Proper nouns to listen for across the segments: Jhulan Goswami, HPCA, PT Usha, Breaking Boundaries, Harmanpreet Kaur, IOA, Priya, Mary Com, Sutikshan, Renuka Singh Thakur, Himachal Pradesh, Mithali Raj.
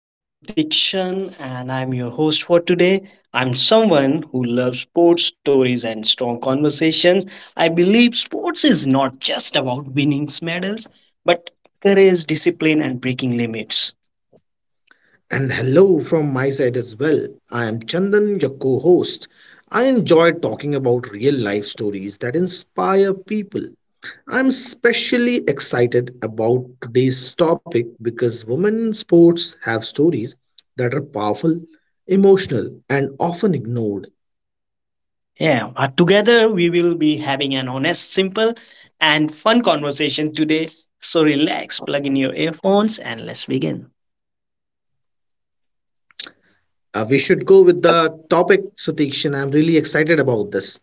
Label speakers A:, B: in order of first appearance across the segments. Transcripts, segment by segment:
A: This is Sutikshan, and I'm your host for today. I'm someone who loves sports stories and strong conversations. I believe sports is not just about winning medals, but courage, discipline, and breaking limits.
B: And hello from my side as well. I am Chandan, your co host. I enjoy talking about real life stories that inspire people. I'm especially excited about today's topic because women in sports have stories that are powerful, emotional, and often ignored.
A: Yeah, together we will be having an honest, simple, and fun conversation today. So relax, plug in your earphones, and let's begin.
B: We should go with the topic, Satish, and I'm really excited about this.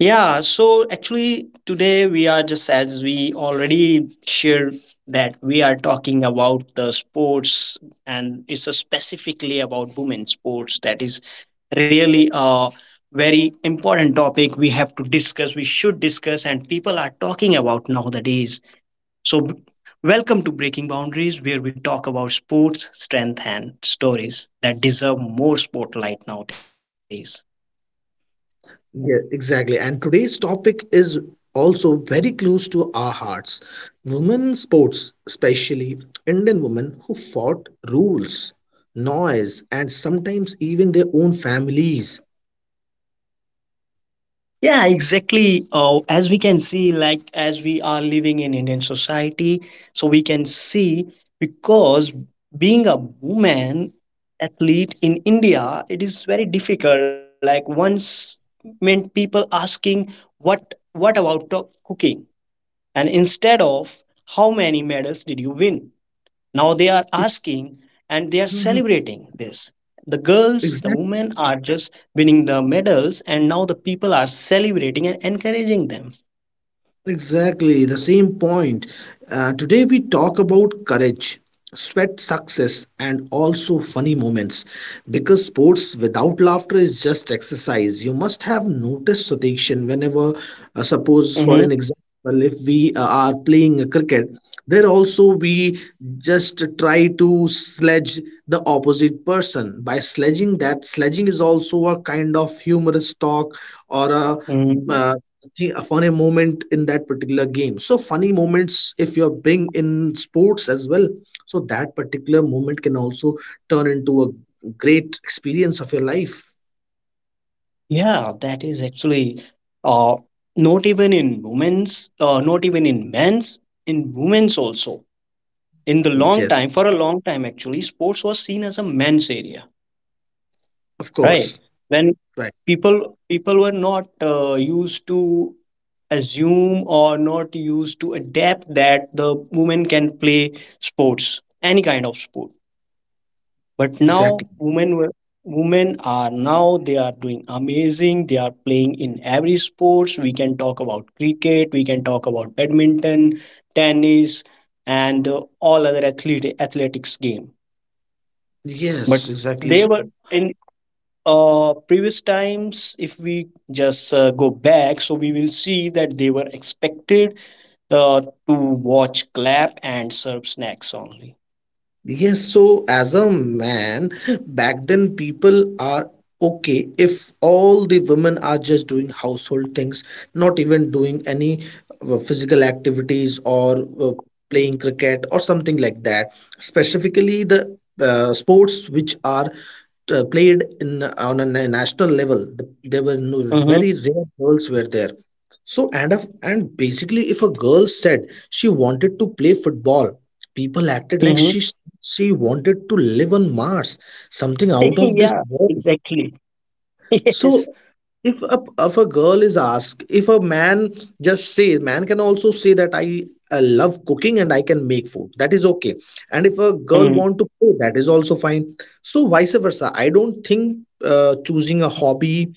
A: Yeah, so actually today we are just as we already shared that we are talking about the sports, and it's a specifically about women sports that is really a very important topic. We have to discuss, we should discuss, and people are talking about nowadays. So b- Welcome to Breaking Boundaries, where we talk about sports, strength, and stories that deserve more spotlight nowadays.
B: Yeah, exactly. And today's topic is also very close to our hearts. Women sports, especially Indian women who fought rules, noise, and sometimes even their own families.
A: Yeah, exactly. As we can see, like as we are living in Indian society, so we can see because being a woman athlete in India, it is very difficult. Like once meant people asking what about to- cooking, and instead of how many medals did you win, now they are asking, and they
B: Mhm.
A: are celebrating this. The
B: Exactly.
A: girls, the women are just winning the medals, and now the people are celebrating and encouraging them.
B: Exactly, the same point. Today we talk about courage, sweat, success, and also funny moments. Because sports without laughter is just exercise. You must have noticed, Satikshan, suppose for an
A: Hmm.
B: example, well if we are playing a cricket, there also we just try to sledge the opposite person by sledging. That sledging is also a kind of humorous talk or a uh, a funny moment in that particular game. So funny moments, if you're being in sports as well, so that particular moment can also turn into a great experience of your life.
A: Yeah, that is actually, uh, not even in women's, not even in men's, in women's also. In the long
B: Yes,
A: time, For a long time actually, sports was seen as a men's area,
B: of
A: right?
B: course,
A: When
B: right,
A: people were not used to assume or not used to adapt that the women can play sports, any kind of sport. But now
B: exactly.
A: women were women are, now they are doing amazing. They are playing in every sports. We can talk about cricket, we can talk about badminton, tennis, and all other athletics game. But
B: Yes, exactly.
A: they were in, previous times, if we just go back, so we will see that they were expected to watch, clap, and serve snacks only.
B: Yes, so as a man, back then people are okay if all the women are just doing household things, not even doing any physical activities or playing cricket or something like that. Specifically, the sports which are played in on a national level, there were no,
A: Mm-hmm.
B: very rare girls were there. So and of and basically, if a girl said she wanted to play football, people acted like
A: Mm-hmm.
B: she wanted to live on Mars, something out of this
A: Yeah,
B: world.
A: exactly. Yes.
B: So if a girl is asked, if a man just say, man can also say that I love cooking and I can make food. That is okay. And if a girl
A: Mm.
B: want to play, that is also fine. So vice versa. I don't think choosing a hobby,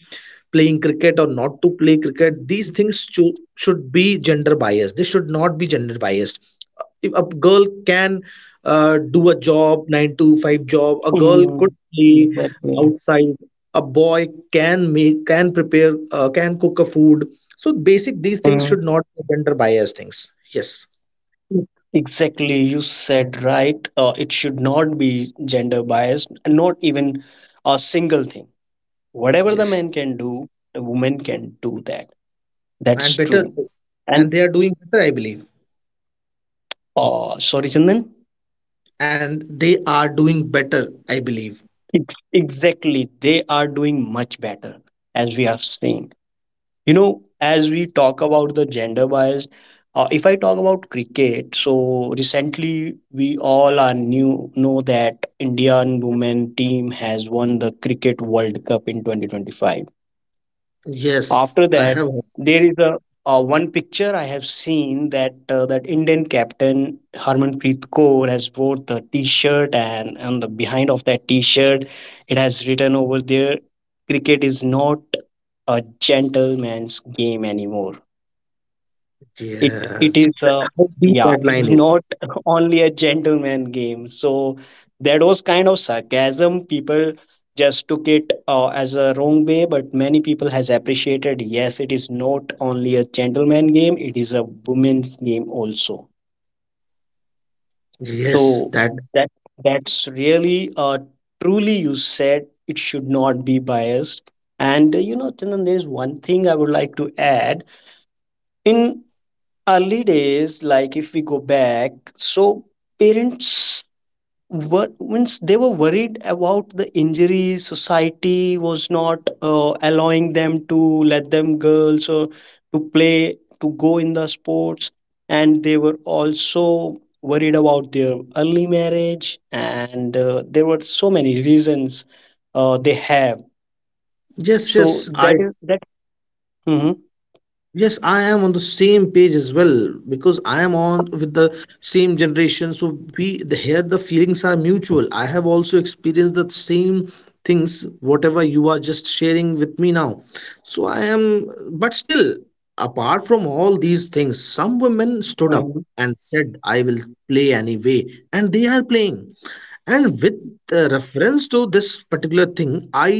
B: playing cricket or not to play cricket, these things should be gender biased. They should not be gender biased. If a girl can do a job, nine to five job, a girl could
A: Mm.
B: play
A: Exactly.
B: outside, a boy can make, can prepare, can cook a food. So basic, these things
A: Mm.
B: should not be gender bias things. Yes,
A: Exactly, you said right. It should not be gender biased, not even a single thing. Whatever the
B: yes,
A: man can do, the woman can do that.
B: and
A: That's
B: better,
A: true.
B: and they are doing better, I believe.
A: Oh, sorry, Chandan.
B: And they are doing better, I believe.
A: Exactly. They are doing much better, as we are seeing. You know, as we talk about the gender bias, if I talk about cricket, so recently we all are new know that Indian women team has won the Cricket World Cup in 2025.
B: Yes,
A: After
B: I
A: that,
B: have heard.
A: there is a one picture I have seen that Indian captain Harmanpreet Kaur has wore the T-shirt, and on the behind of that T-shirt, it has written over there, "Cricket is not a gentleman's game anymore." It
B: Yes,
A: is,
B: how deep
A: yeah,
B: that
A: it's
B: line is.
A: not only a gentleman game. So that was kind of sarcasm. People just took it as a wrong way, but many people has appreciated. Yes, it is not only a gentleman game, it is a women's game also.
B: Yes,
A: So
B: that.
A: that that's really, truly, you said it should not be biased. And you know, Chandan, there is one thing I would like to add. In early days, like if we go back, so parents were, means they were worried about the injuries. Society was not allowing them to let them girls or to play, to go in the sports. And they were also worried about their early marriage, and there were so many reasons they have.
B: Yes,
A: So
B: yes, I.
A: that is that. Mhm.
B: Yes, I am on the same page as well because I am on with the same generation. So here the feelings are mutual. I have also experienced the same things whatever you are just sharing with me now. So I am, but still, apart from all these things, some women stood up
A: Mhm.
B: and said, "I will play anyway," and they are playing. And with the reference to this particular thing, i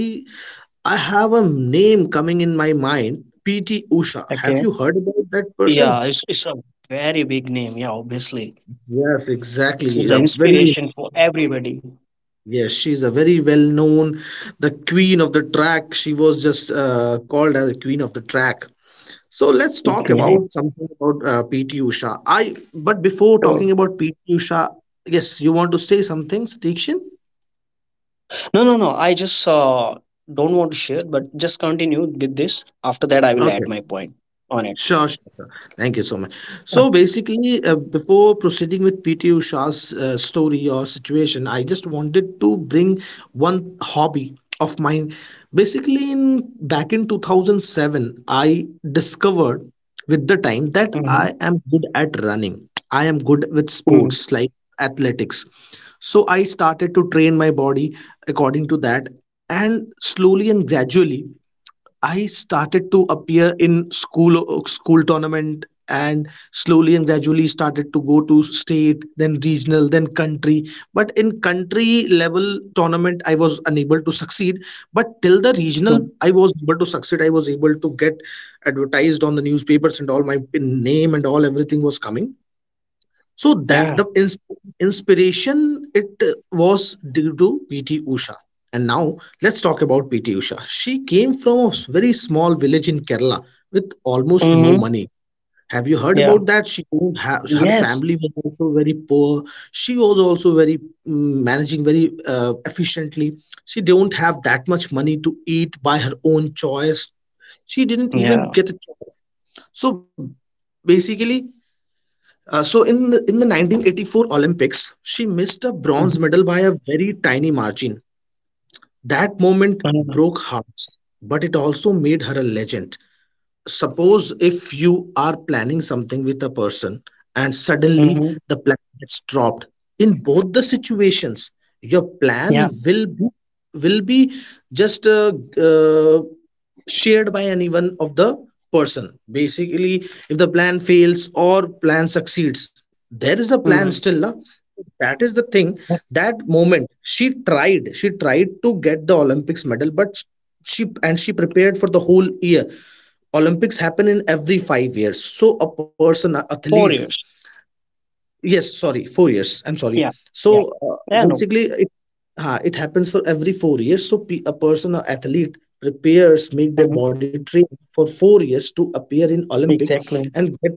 B: i have a name coming in my mind. PT Usha, have
A: Okay,
B: you heard about that person?
A: yeah, it's a very big name. Yeah, obviously.
B: Yes,
A: She's
B: exactly,
A: an
B: a very.
A: inspiration for everybody.
B: Yes, she's a very well known, the queen of the track. She was just called as the queen of the track. So let's
A: Yeah.
B: talk
A: Yeah.
B: about something about PT Usha. I But before
A: So
B: talking about PT Usha, yes, you want to say something, Satikshin?
A: No, no, no. I just don't want to share, but just continue with this. After that, I will
B: Okay.
A: add my point on it.
B: Sure, sure, sure. Thank you so much. So basically, before proceeding with PT Usha's story or situation, I just wanted to bring one hobby of mine. Basically, in back in 2007, I discovered with the time that
A: Mm-hmm.
B: I am good at running. I am good with
A: Mm-hmm.
B: sports like athletics. So I started to train my body according to that, and slowly and gradually. I started to appear in school tournament, and slowly and gradually started to go to state, then regional, then country. But in country level tournament, I was unable to succeed, but till the regional I was able to succeed. I was able to get advertised on the newspapers, and all my name and all everything was coming. So that the
A: Yeah.
B: inspiration, it was due to PT Usha. And now let's talk about PT Usha. She came from a very small village in Kerala with almost no
A: Mm-hmm.
B: money. Have you heard about
A: Yeah.
B: that? She couldn't have, her family
A: Yes.
B: was also very poor. She was also very managing very efficiently. She don't have that much money to eat by her own choice. She didn't even
A: Yeah.
B: get a choice. So basically, in the 1984 Olympics, she missed a bronze
A: Mm-hmm.
B: medal by a very tiny margin. That moment broke hearts, but it also made her a legend. Suppose if you are planning something with a person and suddenly
A: Mm-hmm.
B: the plan gets dropped. In both the situations, your plan
A: Yeah.
B: will be just uh, shared by any one of the person. Basically, if the plan fails or plan succeeds, there is the plan still. Na?
A: Mm.
B: That is the thing. That moment she tried to get the Olympics medal, but she, and she prepared for the whole year. Olympics happen in every 5 years, so a person, an athlete.
A: 4 years.
B: Yes, sorry, 4 years. I'm sorry.
A: Yeah. Yeah.
B: So
A: Yeah. No.
B: it happens for every 4 years. So a person or athlete prepares, make
A: Mm-hmm.
B: their body train for 4 years to appear in Olympic
A: Exactly.
B: and get,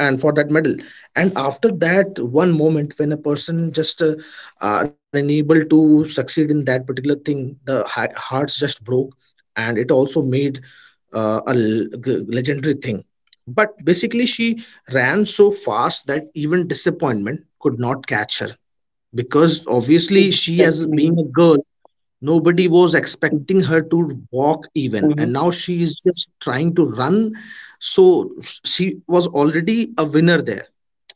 B: and for that medal. And after that one moment, when a person just unable to succeed in that particular thing, the hearts just broke, and it also made a legendary thing. But basically, she ran so fast that even disappointment could not catch her, because obviously she, as
A: Exactly.
B: being a girl, nobody was expecting her to walk even,
A: Mm-hmm.
B: and now she is just trying to run. So she was already a winner there.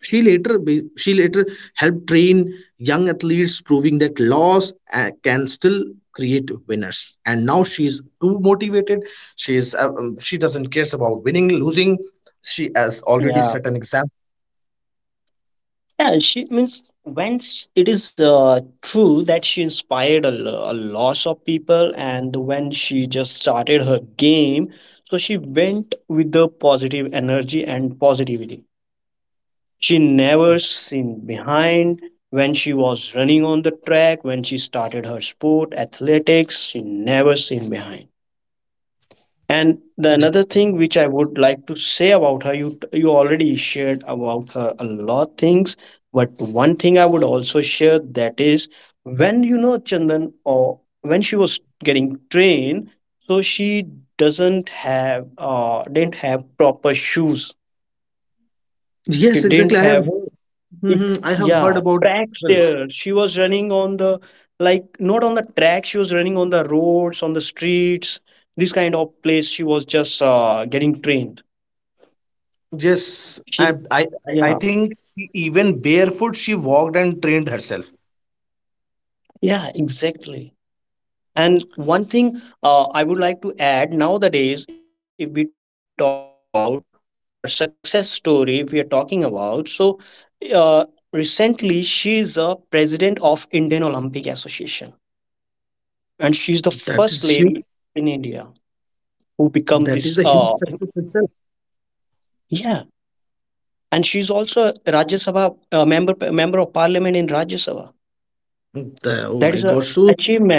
B: She later helped train young athletes, proving that loss can still create winners. And now she is too motivated. She doesn't cares about winning losing. She has already
A: Yeah.
B: set an example.
A: Yeah, she means, when it is true that she inspired a lot of people, and when she just started her game, so she went with the positive energy and positivity. She never seen behind. When she was running on the track, when she started her sport, athletics, she never seen behind. And the another thing which I would like to say about her, you already shared about her a lot things, but one thing I would also share, that is, when you know, Chandan, or when she was getting trained, so she doesn't have didn't have proper shoes. She
B: Yes,
A: didn't
B: exactly. I have
A: have
B: heard.
A: it,
B: Mhm, I have heard
A: yeah,
B: about.
A: tracks
B: Well,
A: there. She was running on the, like, not on the track. She was running on the roads, on the streets. This kind of place she was just getting trained.
B: yes,
A: She,
B: and I
A: yeah,
B: think she, even barefoot she walked and trained herself.
A: yeah, exactly. And one thing, I would like to add nowadays, if we talk about her success story, if we are talking about, so, uh, recently she is a president of Indian Olympic Association, and she's the
B: That is huge.
A: first lady in India who
B: That
A: become
B: is a
A: this.
B: huge success itself.
A: Yeah, and she's also a Rajya Sabha, member of Parliament in Rajya Sabha.
B: The- oh my
A: That is
B: God!
A: a
B: So she
A: achievement.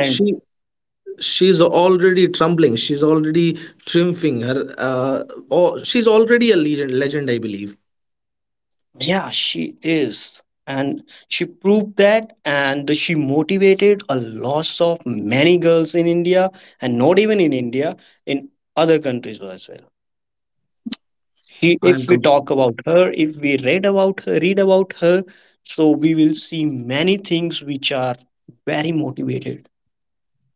B: she's already trembling. She's already triumphing. Her uh, oh, she's already a legend. Legend, I believe.
A: Yeah, she is. And she proved that, and she motivated a loss of many girls in India, and not even in India, in other countries as well. She,
B: I am
A: if we talk
B: completely,
A: about her, if we read about her, so we will see many things which are very motivated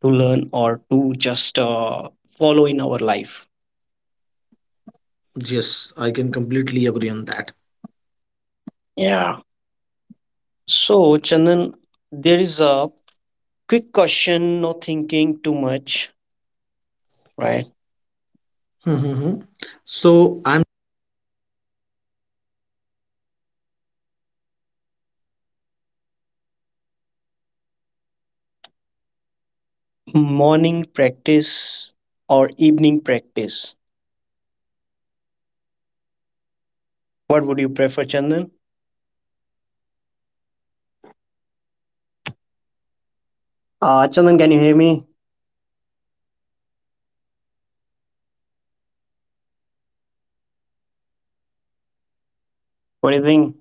A: to learn or to just follow in our life.
B: yes. I can completely agree on that.
A: Yeah. So, Chandan, there is a quick question, no thinking too much, right?
B: Mhm, mhm. So I,
A: Morning practice or evening practice? What would you prefer, Chandan? Chandan, can you hear me? What do you think?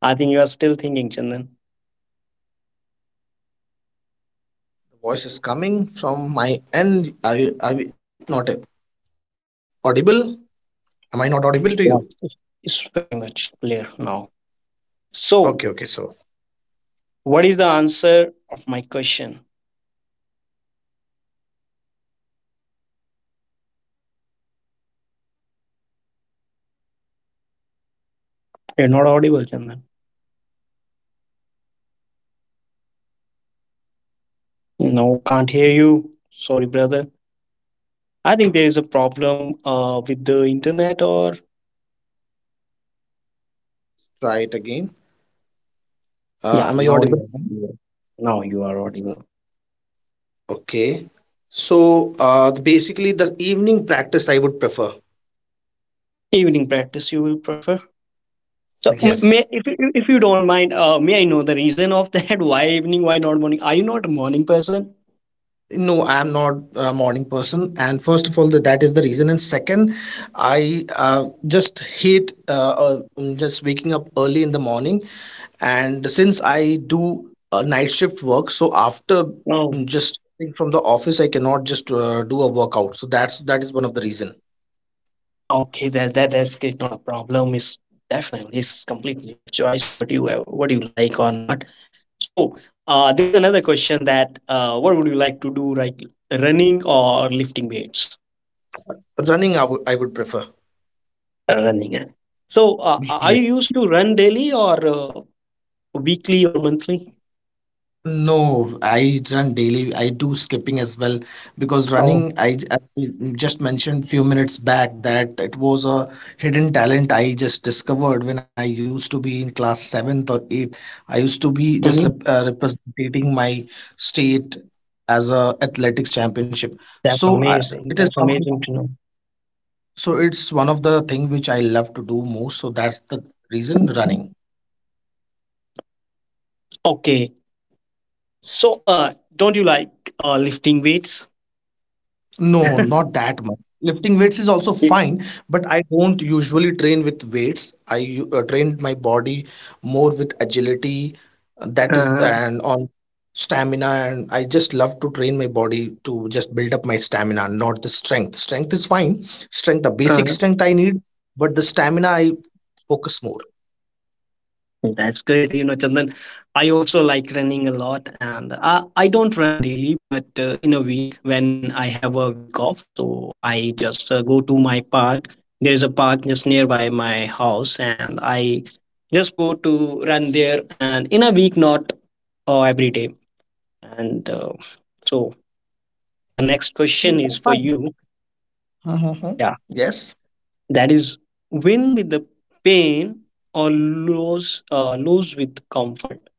A: I think you are still thinking, Chandan.
B: voice is coming from my end. Are you not audible? Am I not audible to you?
A: Yes. It's very much clear now.
B: Okay, okay.
A: So,
B: So
A: what is the answer of my question? You're not audible, Chandan. No, can't hear you. Sorry, brother. I think there is a problem with the internet, or.
B: try it again.
A: Yeah,
B: Am I
A: now
B: audible?
A: you are audible. Now you are audible.
B: Okay. So basically, the evening practice I would prefer.
A: Evening practice you will prefer? So,
B: Yes.
A: may, if you don't mind, may I know the reason of that? Why evening? Why not morning? Are you not a morning person?
B: No, I am not a morning person. And first of all, that is the reason. And second, I just waking up early in the morning. And since I do a night shift work, so after
A: No.
B: just coming from the office, I cannot just do a workout. So that is one of the reason.
A: Okay, that's good. Not a problem. It's Definitely it's completely your choice. What you, what you like or not. So, there's another question that, what would you like to do? Like running or lifting weights?
B: Running, I would prefer.
A: Running, eh? So, are you used to run daily or, weekly or monthly?
B: No, I run daily. I do skipping as well, because
A: Oh.
B: running, as we just mentioned few minutes back, that it was a hidden talent I just discovered when I used to be in class seventh or eighth. I used to be just
A: Hmm.
B: representing my state as a athletics championship.
A: That's
B: So I,
A: amazing.
B: it is
A: That's
B: something.
A: amazing to know.
B: So it's one of the thing which I love to do most. So that's the reason, running.
A: Okay. So, don't you like, lifting weights?
B: No, not that much. Lifting weights is also fine, but I don't usually train with weights. Train my body more with agility, that is,
A: Uh,
B: and on stamina. And I just love to train my body to just build up my stamina, not the strength. Strength is fine. Strength, the basic
A: uh,
B: strength I need, but the stamina I focus more.
A: That's great, you know, Chandan. I also like running a lot, and I don't run daily, but in a week when I have a week off, so I just go to my park. There is a park just nearby my house, and I just go to run there. And in a week, not every day. And So the next
B: No,
A: question is
B: that's
A: for
B: fine.
A: you.
B: Uh-huh.
A: Yeah.
B: Yes.
A: That is, win with the pain or lose with comfort?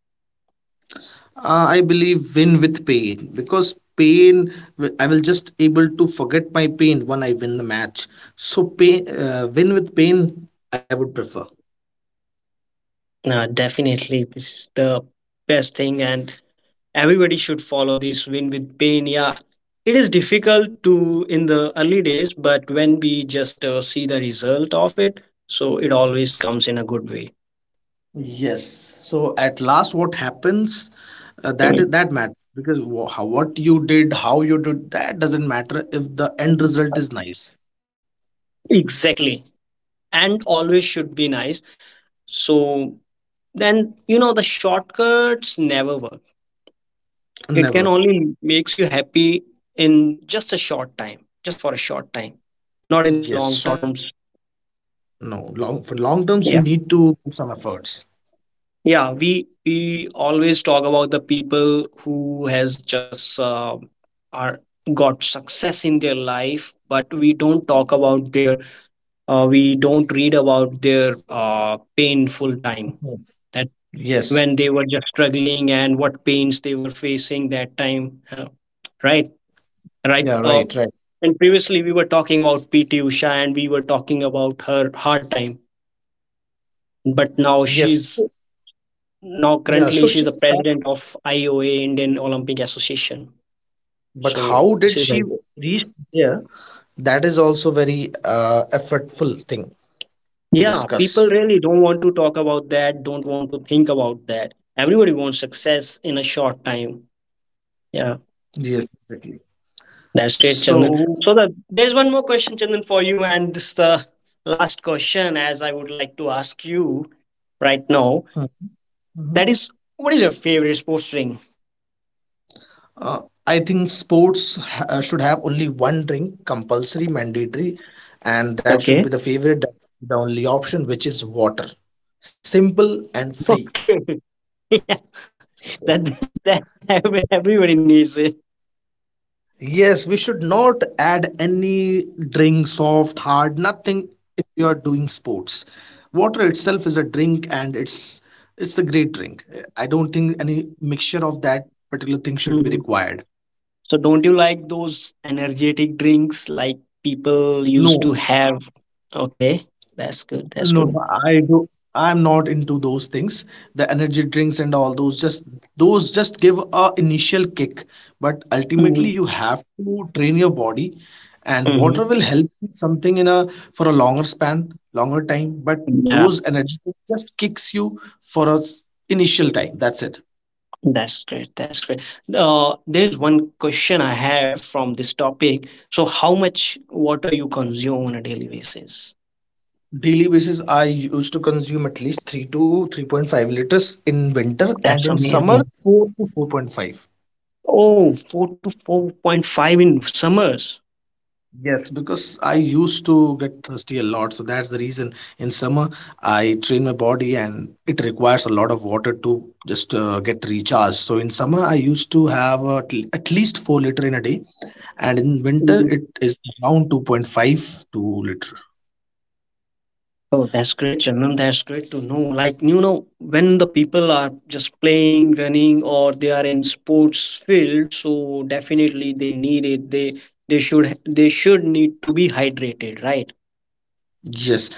B: I believe win with pain, because pain, I will just able to forget my pain when I win the match. So pain win with pain I would prefer.
A: Uh, definitely this is the best thing, and everybody should follow this. Win with pain, yeah. It is difficult to in the early days, but when we just see the result of it, so it always comes in a good way.
B: Yes, so at last what happens, that matters, because how, what you did, how you did that doesn't matter if the end result is nice.
A: Exactly. And always should be nice. So then, you know, the shortcuts never work. It can
B: Never.
A: only makes you happy in just a short time, just for a short time, not in a
B: Yes,
A: long
B: short,
A: terms.
B: no, long, for long terms you
A: yeah
B: need to put some efforts.
A: yeah, we always talk about the people who has just are got success in their life, but we don't talk about their, we don't read about their painful time.
B: Mhm.
A: That
B: Yes.
A: when they were just struggling, and what pains they were facing that time, right right?
B: Yeah, right, right.
A: And previously we were talking about PT Usha, and we were talking about her hard time, but
B: Yes. So,
A: now
B: yeah,
A: currently
B: so
A: she's
B: she.
A: the president of IOA, Indian Olympic Association.
B: But
A: So
B: how
A: this
B: did
A: is like,
B: she reach there? That is also very effortful thing to
A: yeah, people
B: discuss.
A: really don't want to talk about that, don't want to think about that. Everybody wants success in a short time. Yeah,
B: Yes, exactly.
A: that's great, Chandan.
B: So,
A: So that there's one more question, Chandan, for you, and this is the last question as I would like to ask you right now. That
B: mhm.
A: is, what is your favorite sports drink?
B: I think sports ha- should have only one drink, compulsory, mandatory, and that
A: Okay.
B: should be the favorite, that should be the only option, which is water. Simple and free.
A: Okay. Yeah, that, that, that everybody needs it.
B: Yes, we should not add any drink, soft, hard, nothing, if you are doing sports. Water itself is a drink and it's a great drink. I don't think any mixture of that particular thing should be
A: Mhm.
B: required.
A: So, don't you like those energetic drinks like people used
B: No,
A: to have? Okay, that's good. That's
B: no,
A: good.
B: no, I do. I'm not into those things, the energy drinks and all those. Just those just give a initial kick, but
A: Mhm.
B: ultimately you have to train your body, and
A: Mhm.
B: water will help you something in a for a longer span, longer time. But
A: Yeah,
B: those energy drinks just kicks you for a initial time. That's it.
A: that's great. That's great. There's one question I have from this topic. So, how much water you consume on a daily basis?
B: Daily basis, I used to consume at least 3 to 3.5 liters in winter, and
A: That's
B: in summer
A: amazing.
B: 4 to 4.5.
A: Oh, 4 to 4.5 in summers.
B: Yes, because I used to get thirsty a lot, so that's the reason. In summer, I train my body, and it requires a lot of water to just get recharged. So in summer, I used to have at least 4 liter in a day, and in winter,
A: Mm.
B: it is around 2.5 to liter.
A: Oh, that's great, Chandan. That's great to know. Like, you know, when the people are just playing, running, or they are in sports field, so definitely they need it. They should need to be hydrated, right?
B: Yes,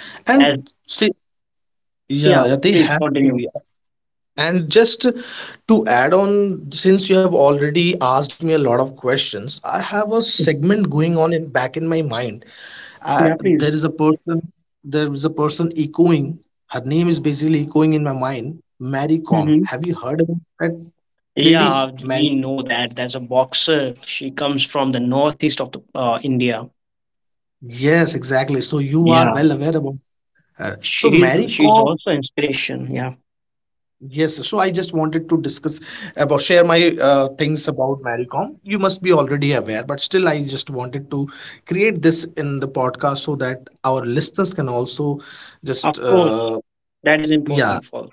A: As
B: and see, yeah,
A: yeah,
B: yeah, they
A: please
B: have to
A: continue.
B: be. And just to add on, since you have already asked me a lot of questions, I have a segment going on in back in my mind
A: Yeah,
B: I,
A: please.
B: there is a person, there is a person echoing. Her name is basically echoing in my mind. Mary Com.
A: Hmm.
B: Have you heard about that lady?
A: Yeah,
B: Mary.
A: we know that. That's a boxer. She comes from the northeast of the India.
B: Yes, exactly. So you are
A: Yeah,
B: well aware about her. So
A: she's
B: Mary
A: she's
B: Com.
A: also inspiration. Yeah,
B: Yes. So I just wanted to discuss about share my things about Mary Com. You must be already aware, but still, I just wanted to create this in the podcast so that our listeners can also
A: of
B: just
A: course, that is
B: yeah.
A: important for.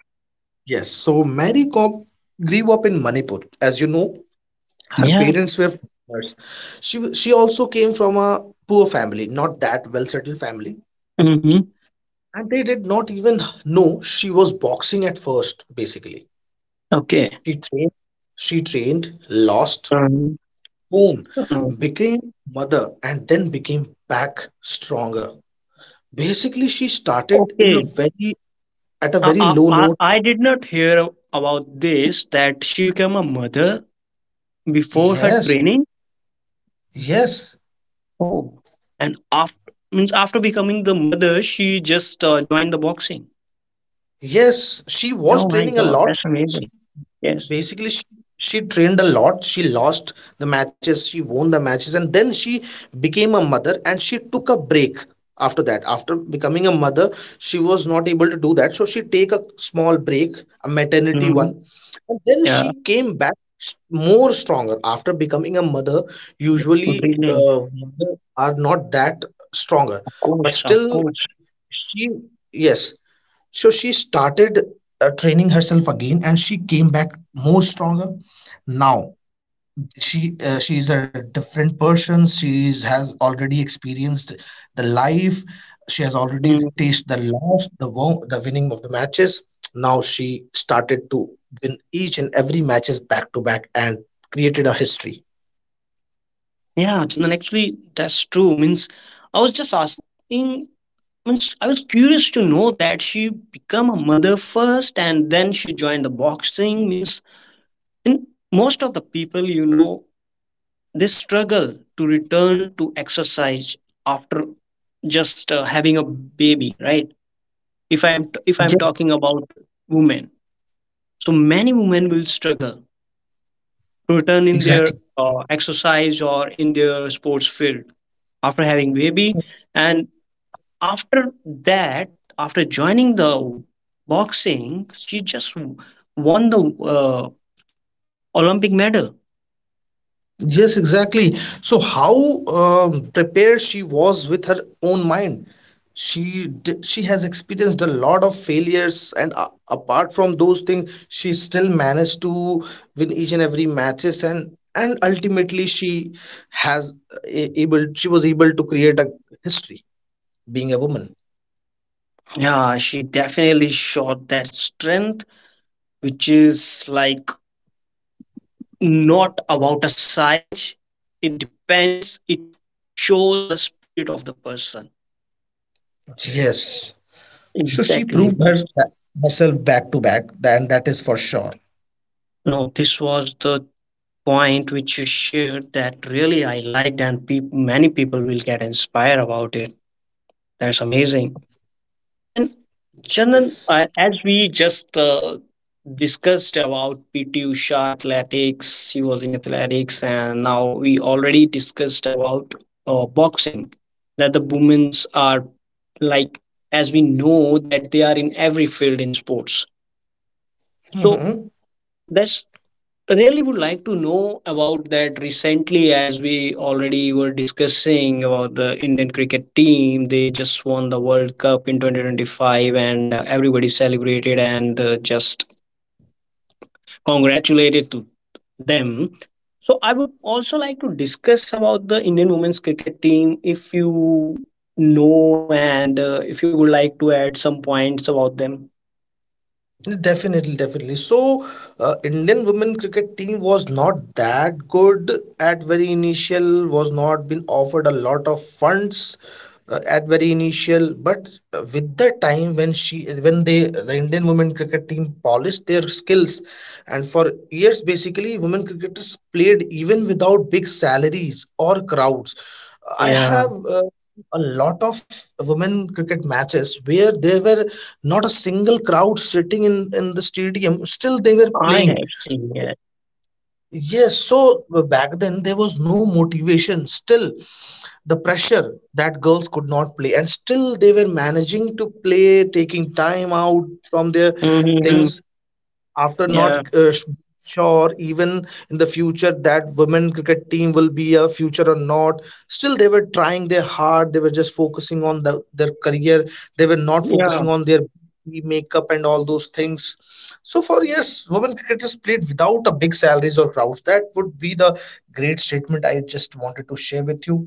B: Yes, so Mary Cobb grew up in Manipur. As you know, her
A: Yeah.
B: parents were farmers. She also came from a poor family, not that well settled family,
A: Hmm.
B: and they did not even know she was boxing at first. Basically,
A: Okay.
B: she trained, she trained, lost,
A: Um,
B: won,
A: um,
B: became mother, and then became back stronger. Basically, she started in a
A: okay.
B: very at a
A: I,
B: very
A: I,
B: low
A: I
B: note.
A: I did not hear about this that she became a mother before her
B: Yes,
A: training.
B: yes,
A: Oh. And after means after becoming the mother, she just joined the boxing.
B: yes. She was
A: Oh my
B: training a
A: God,
B: lot.
A: that's
B: She
A: amazing. Yes.
B: basically she trained a lot, she lost the matches, she won the matches, and then she became a mother and she took a break after that. After becoming a mother, she was not able to do that, so she take a small break, a maternity
A: Hmm.
B: one, and then
A: Yeah.
B: she came back more stronger. After becoming a mother, usually
A: Brilliant.
B: mother are not that stronger,
A: Of
B: but
A: course, of
B: still
A: course.
B: she, yes, so she started training herself again and she came back more stronger. Now she is a different person, has already experienced the life, she has
A: Mm.
B: already tasted the loss, the winning of the matches. Now she started to win each and every matches back to back and created a history.
A: Yeah, Chandan, actually, that's true. Means I was just asking, means I was curious to know that she became a mother first and then she joined the boxing, means in most of the people, you know, they struggle to return to exercise after just having a baby, right? If I am
B: Yeah,
A: talking about women, so many women will struggle to return in their
B: exactly.
A: exercise or in their sports field after having baby. And after that, after joining the boxing, she just won the uh, olympic medal.
B: Yes, exactly. So how prepared she was with her own mind. She has experienced a lot of failures, and a apart from those things, she still managed to win each and every matches, and ultimately she was able to create a history, being a woman.
A: Yeah, she definitely showed that strength, which is like not about a size. It depends, it shows the spirit of the person.
B: Yes. So she
A: Exactly,
B: proved
A: but
B: herself back to back, then that is for sure.
A: no, this was the point which you shared that really I liked and peop many people will get inspired about it. That's amazing. And Chandan,
B: Yes.
A: as we just discussed about PT Usha athletics, she was in athletics, and now we already discussed about boxing. That the women's are, like, as we know, that they are in every field in sports. So
B: Hmm.
A: let's, really would like to know about that. Recently, as we already were discussing about the indian cricket team, they just won the world cup in 2025 and everybody celebrated and just congratulated to them. So I would also like to discuss about the indian women's cricket team, if you know, and if you would like to add some points about them.
B: Definitely, definitely. So, Indian women cricket team was not that good at very initial, was not been offered a lot of funds at very initial. But with the time when when they, the Indian women cricket team polished their skills, and for years basically, women cricketers played even without big salaries or crowds. I
A: Yeah,
B: have. A lot of women cricket matches where there were not a single crowd sitting in the stadium, still they were
A: I have
B: playing.
A: seen it.
B: Yes, so back then there was no motivation, still the pressure that girls could not play and still they were managing to play taking time out from their
A: Mhm.
B: things. After
A: Yeah,
B: not sh- sure even in the future that women cricket team will be a future or not, still they were trying their hard, they were just focusing on their career. They were not focusing on their beauty, makeup and all those things. So for years women cricketers played without a big salaries or crowds. That would be the great statement I just wanted to share with you.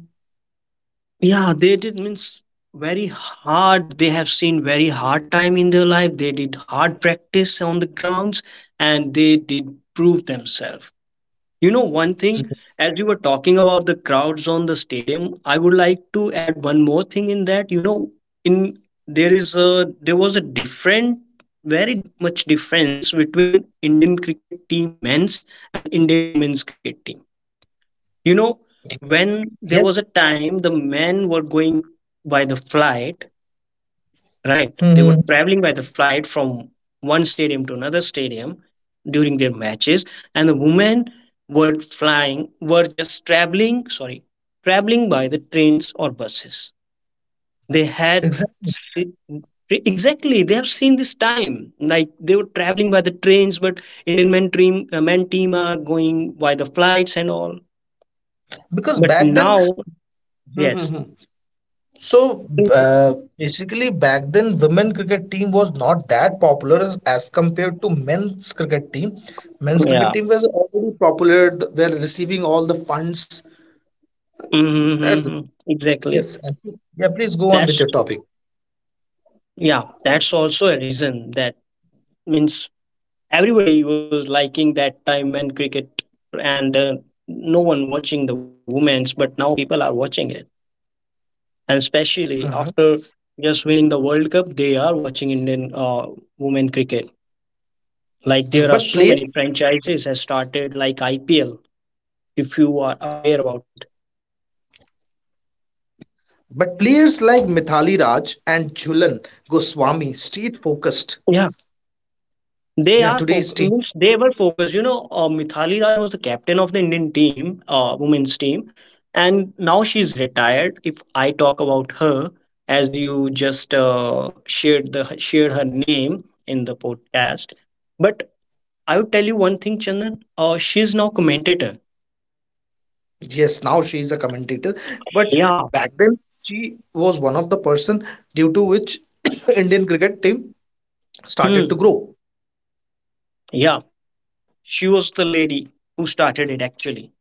A: yeah, they did. Means very hard, they have seen very hard time in their life. They did hard practice on the grounds, and they did prove themselves. You know one thing, as you were talking about the crowds on the stadium, I would like to add one more thing in that. You know, in, there was a different, very much difference between indian cricket team men's and indian women's cricket team. You know, when there
B: Yeah.
A: was a time, the men were going by the flight, right? They were
B: Hmm.
A: traveling by the flight from one stadium to another stadium during their matches, and the women were flying, were just traveling, sorry, traveling by the trains or buses. They had
B: Exactly,
A: se- exactly, they have seen this time, like they were traveling by the trains, but indian men team, men team are going by the flights and all.
B: because
A: But
B: back then,
A: now,
B: mhm,
A: yes.
B: mhm. So basically, back then, women cricket team was not that popular as compared to men's cricket team. Men's cricket
A: Yeah.
B: team was already popular; were receiving all the funds. That's
A: Mm-hmm. Exactly.
B: yes, and yeah. Please go on with
A: That's,
B: your topic.
A: yeah, that's also a reason that means everybody was liking that time and cricket, and no one watching the women's, but now people are watching it, and especially
B: Mhm.
A: after just winning the World Cup, they are watching Indian women cricket. Like there are
B: But
A: so
B: player,
A: many franchises has started, like IPL. If you are aware about it.
B: but players like Mithali Raj and Jhulan Goswami stayed focused.
A: They
B: Yeah,
A: are
B: today's team.
A: means they were focused. You know, Mithali Raj was the captain of the Indian team, women's team, and now she's retired. If I talk about her, as you just shared her name in the podcast, but I would tell you one thing, Chandan. She's now commentator.
B: Yes, now she is a commentator, but
A: Yeah.
B: back then she was one of the person due to which Indian cricket team started to
A: Hmm.
B: grow.
A: Yeah. She was the lady who started it actually.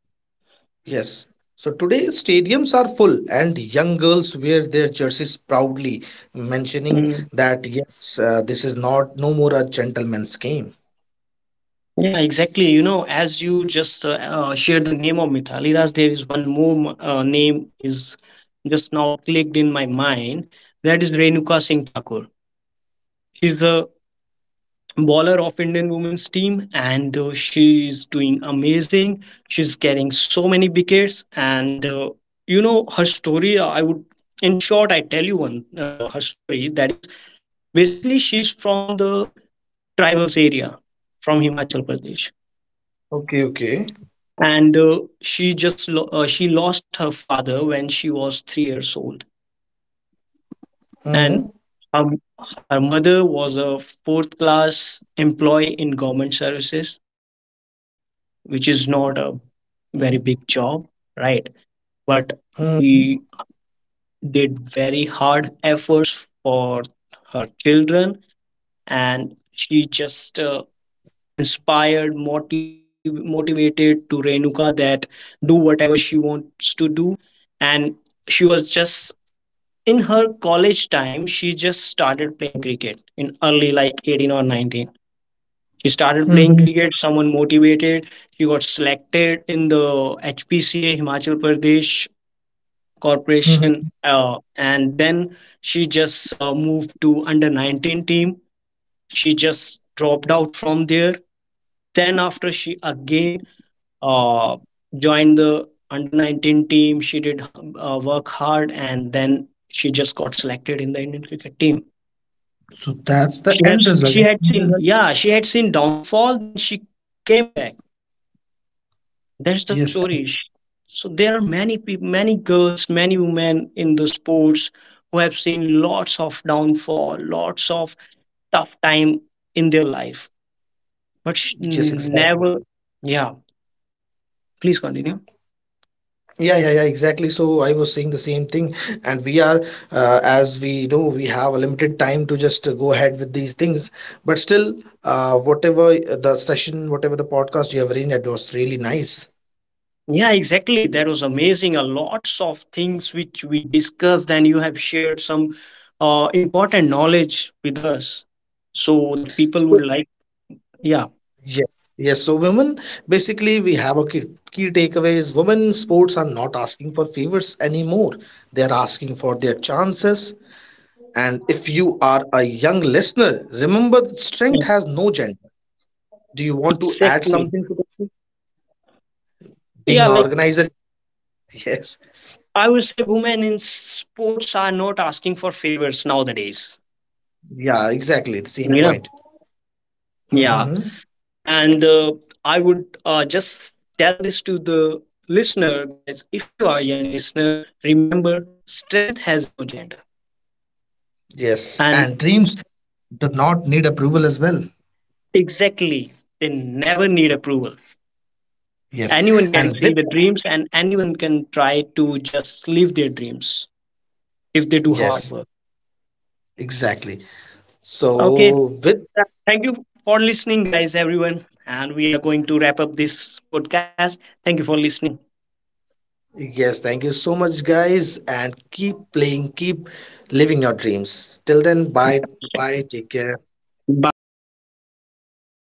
B: Yes. So today stadiums are full and young girls wear their jerseys proudly, mentioning that yes, this is not no more a gentleman's game.
A: Yeah, exactly. You know, as you just shared the name of Mithali Raj, there is one more name is just now clicked in my mind. That is Renuka Singh Thakur. She's a bowler of Indian women's team, and she is doing amazing. She's getting so many wickets, and you know her story. I would, in short, I tell you one her story. That is basically she's from the tribals area, from Himachal Pradesh,
B: Okay, okay.
A: and she just she lost her father when she was 3 years old, and
B: Mm-hmm.
A: her, her mother was a fourth class employee in government services, which is not a very big job, right? But
B: Mm-hmm.
A: she did very hard efforts for her children, and she just inspired, motivated to Renuka that do whatever she wants to do. And she was just in her college time, she just started playing cricket in early like 18 or 19. She started playing
B: Mm-hmm.
A: cricket, someone motivated. She got selected in the HPCA, Himachal Pradesh Corporation. And then she just moved to under 19 team. She just dropped out from there, then after she again uh, joined the under 19 team. She did work hard, and then she just got selected in the Indian cricket team.
B: So that's the
A: She has
B: end
A: she
B: result.
A: had
B: End
A: seen,
B: result.
A: yeah, she had seen downfall. Then she came back. That's the
B: Yes,
A: story. So there are many people, many girls, many women in the sports who have seen lots of downfall, lots of tough time in their life, but
B: yes, exactly.
A: never. Yeah, please continue.
B: Yeah, yeah, yeah, exactly. So I was saying the same thing, and we are, as we know, we have a limited time to just go ahead with these things. But still, whatever the session, whatever the podcast you have arranged, that was really nice.
A: Yeah, exactly. That was amazing. A lots of things which we discussed, and you have shared some important knowledge with us. So the people
B: So,
A: would like, yeah,
B: yes, yes. So women, basically, we have a key, key takeaways. Women sports are not asking for favors anymore. They are asking for their chances. And if you are a young listener, remember, strength
A: yeah,
B: has no gender. Do you want to add
A: exactly.
B: something to this? Being
A: Yeah,
B: an
A: like,
B: organizer, yes,
A: I would say, women in sports are not asking for favors nowadays.
B: yeah, exactly the same
A: Yeah,
B: point.
A: yeah,
B: Hmm.
A: and I would just tell this to the listener, guys. If you are a young listener, remember, strength has no gender,
B: Yes,
A: and
B: and dreams do not need approval as well.
A: exactly. They never need approval.
B: Yes,
A: Anyone
B: and
A: can
B: with,
A: see the dreams and anyone can try to just live their dreams if they do hard
B: yes,
A: work.
B: exactly,
A: Okay.
B: so with that,
A: Thank you for listening, guys, everyone. And we are going to wrap up this podcast. Thank you for listening.
B: yes, thank you so much guys, and keep playing, keep living your dreams. Till then, bye bye, take care.
A: Bye bye. Take care, everyone.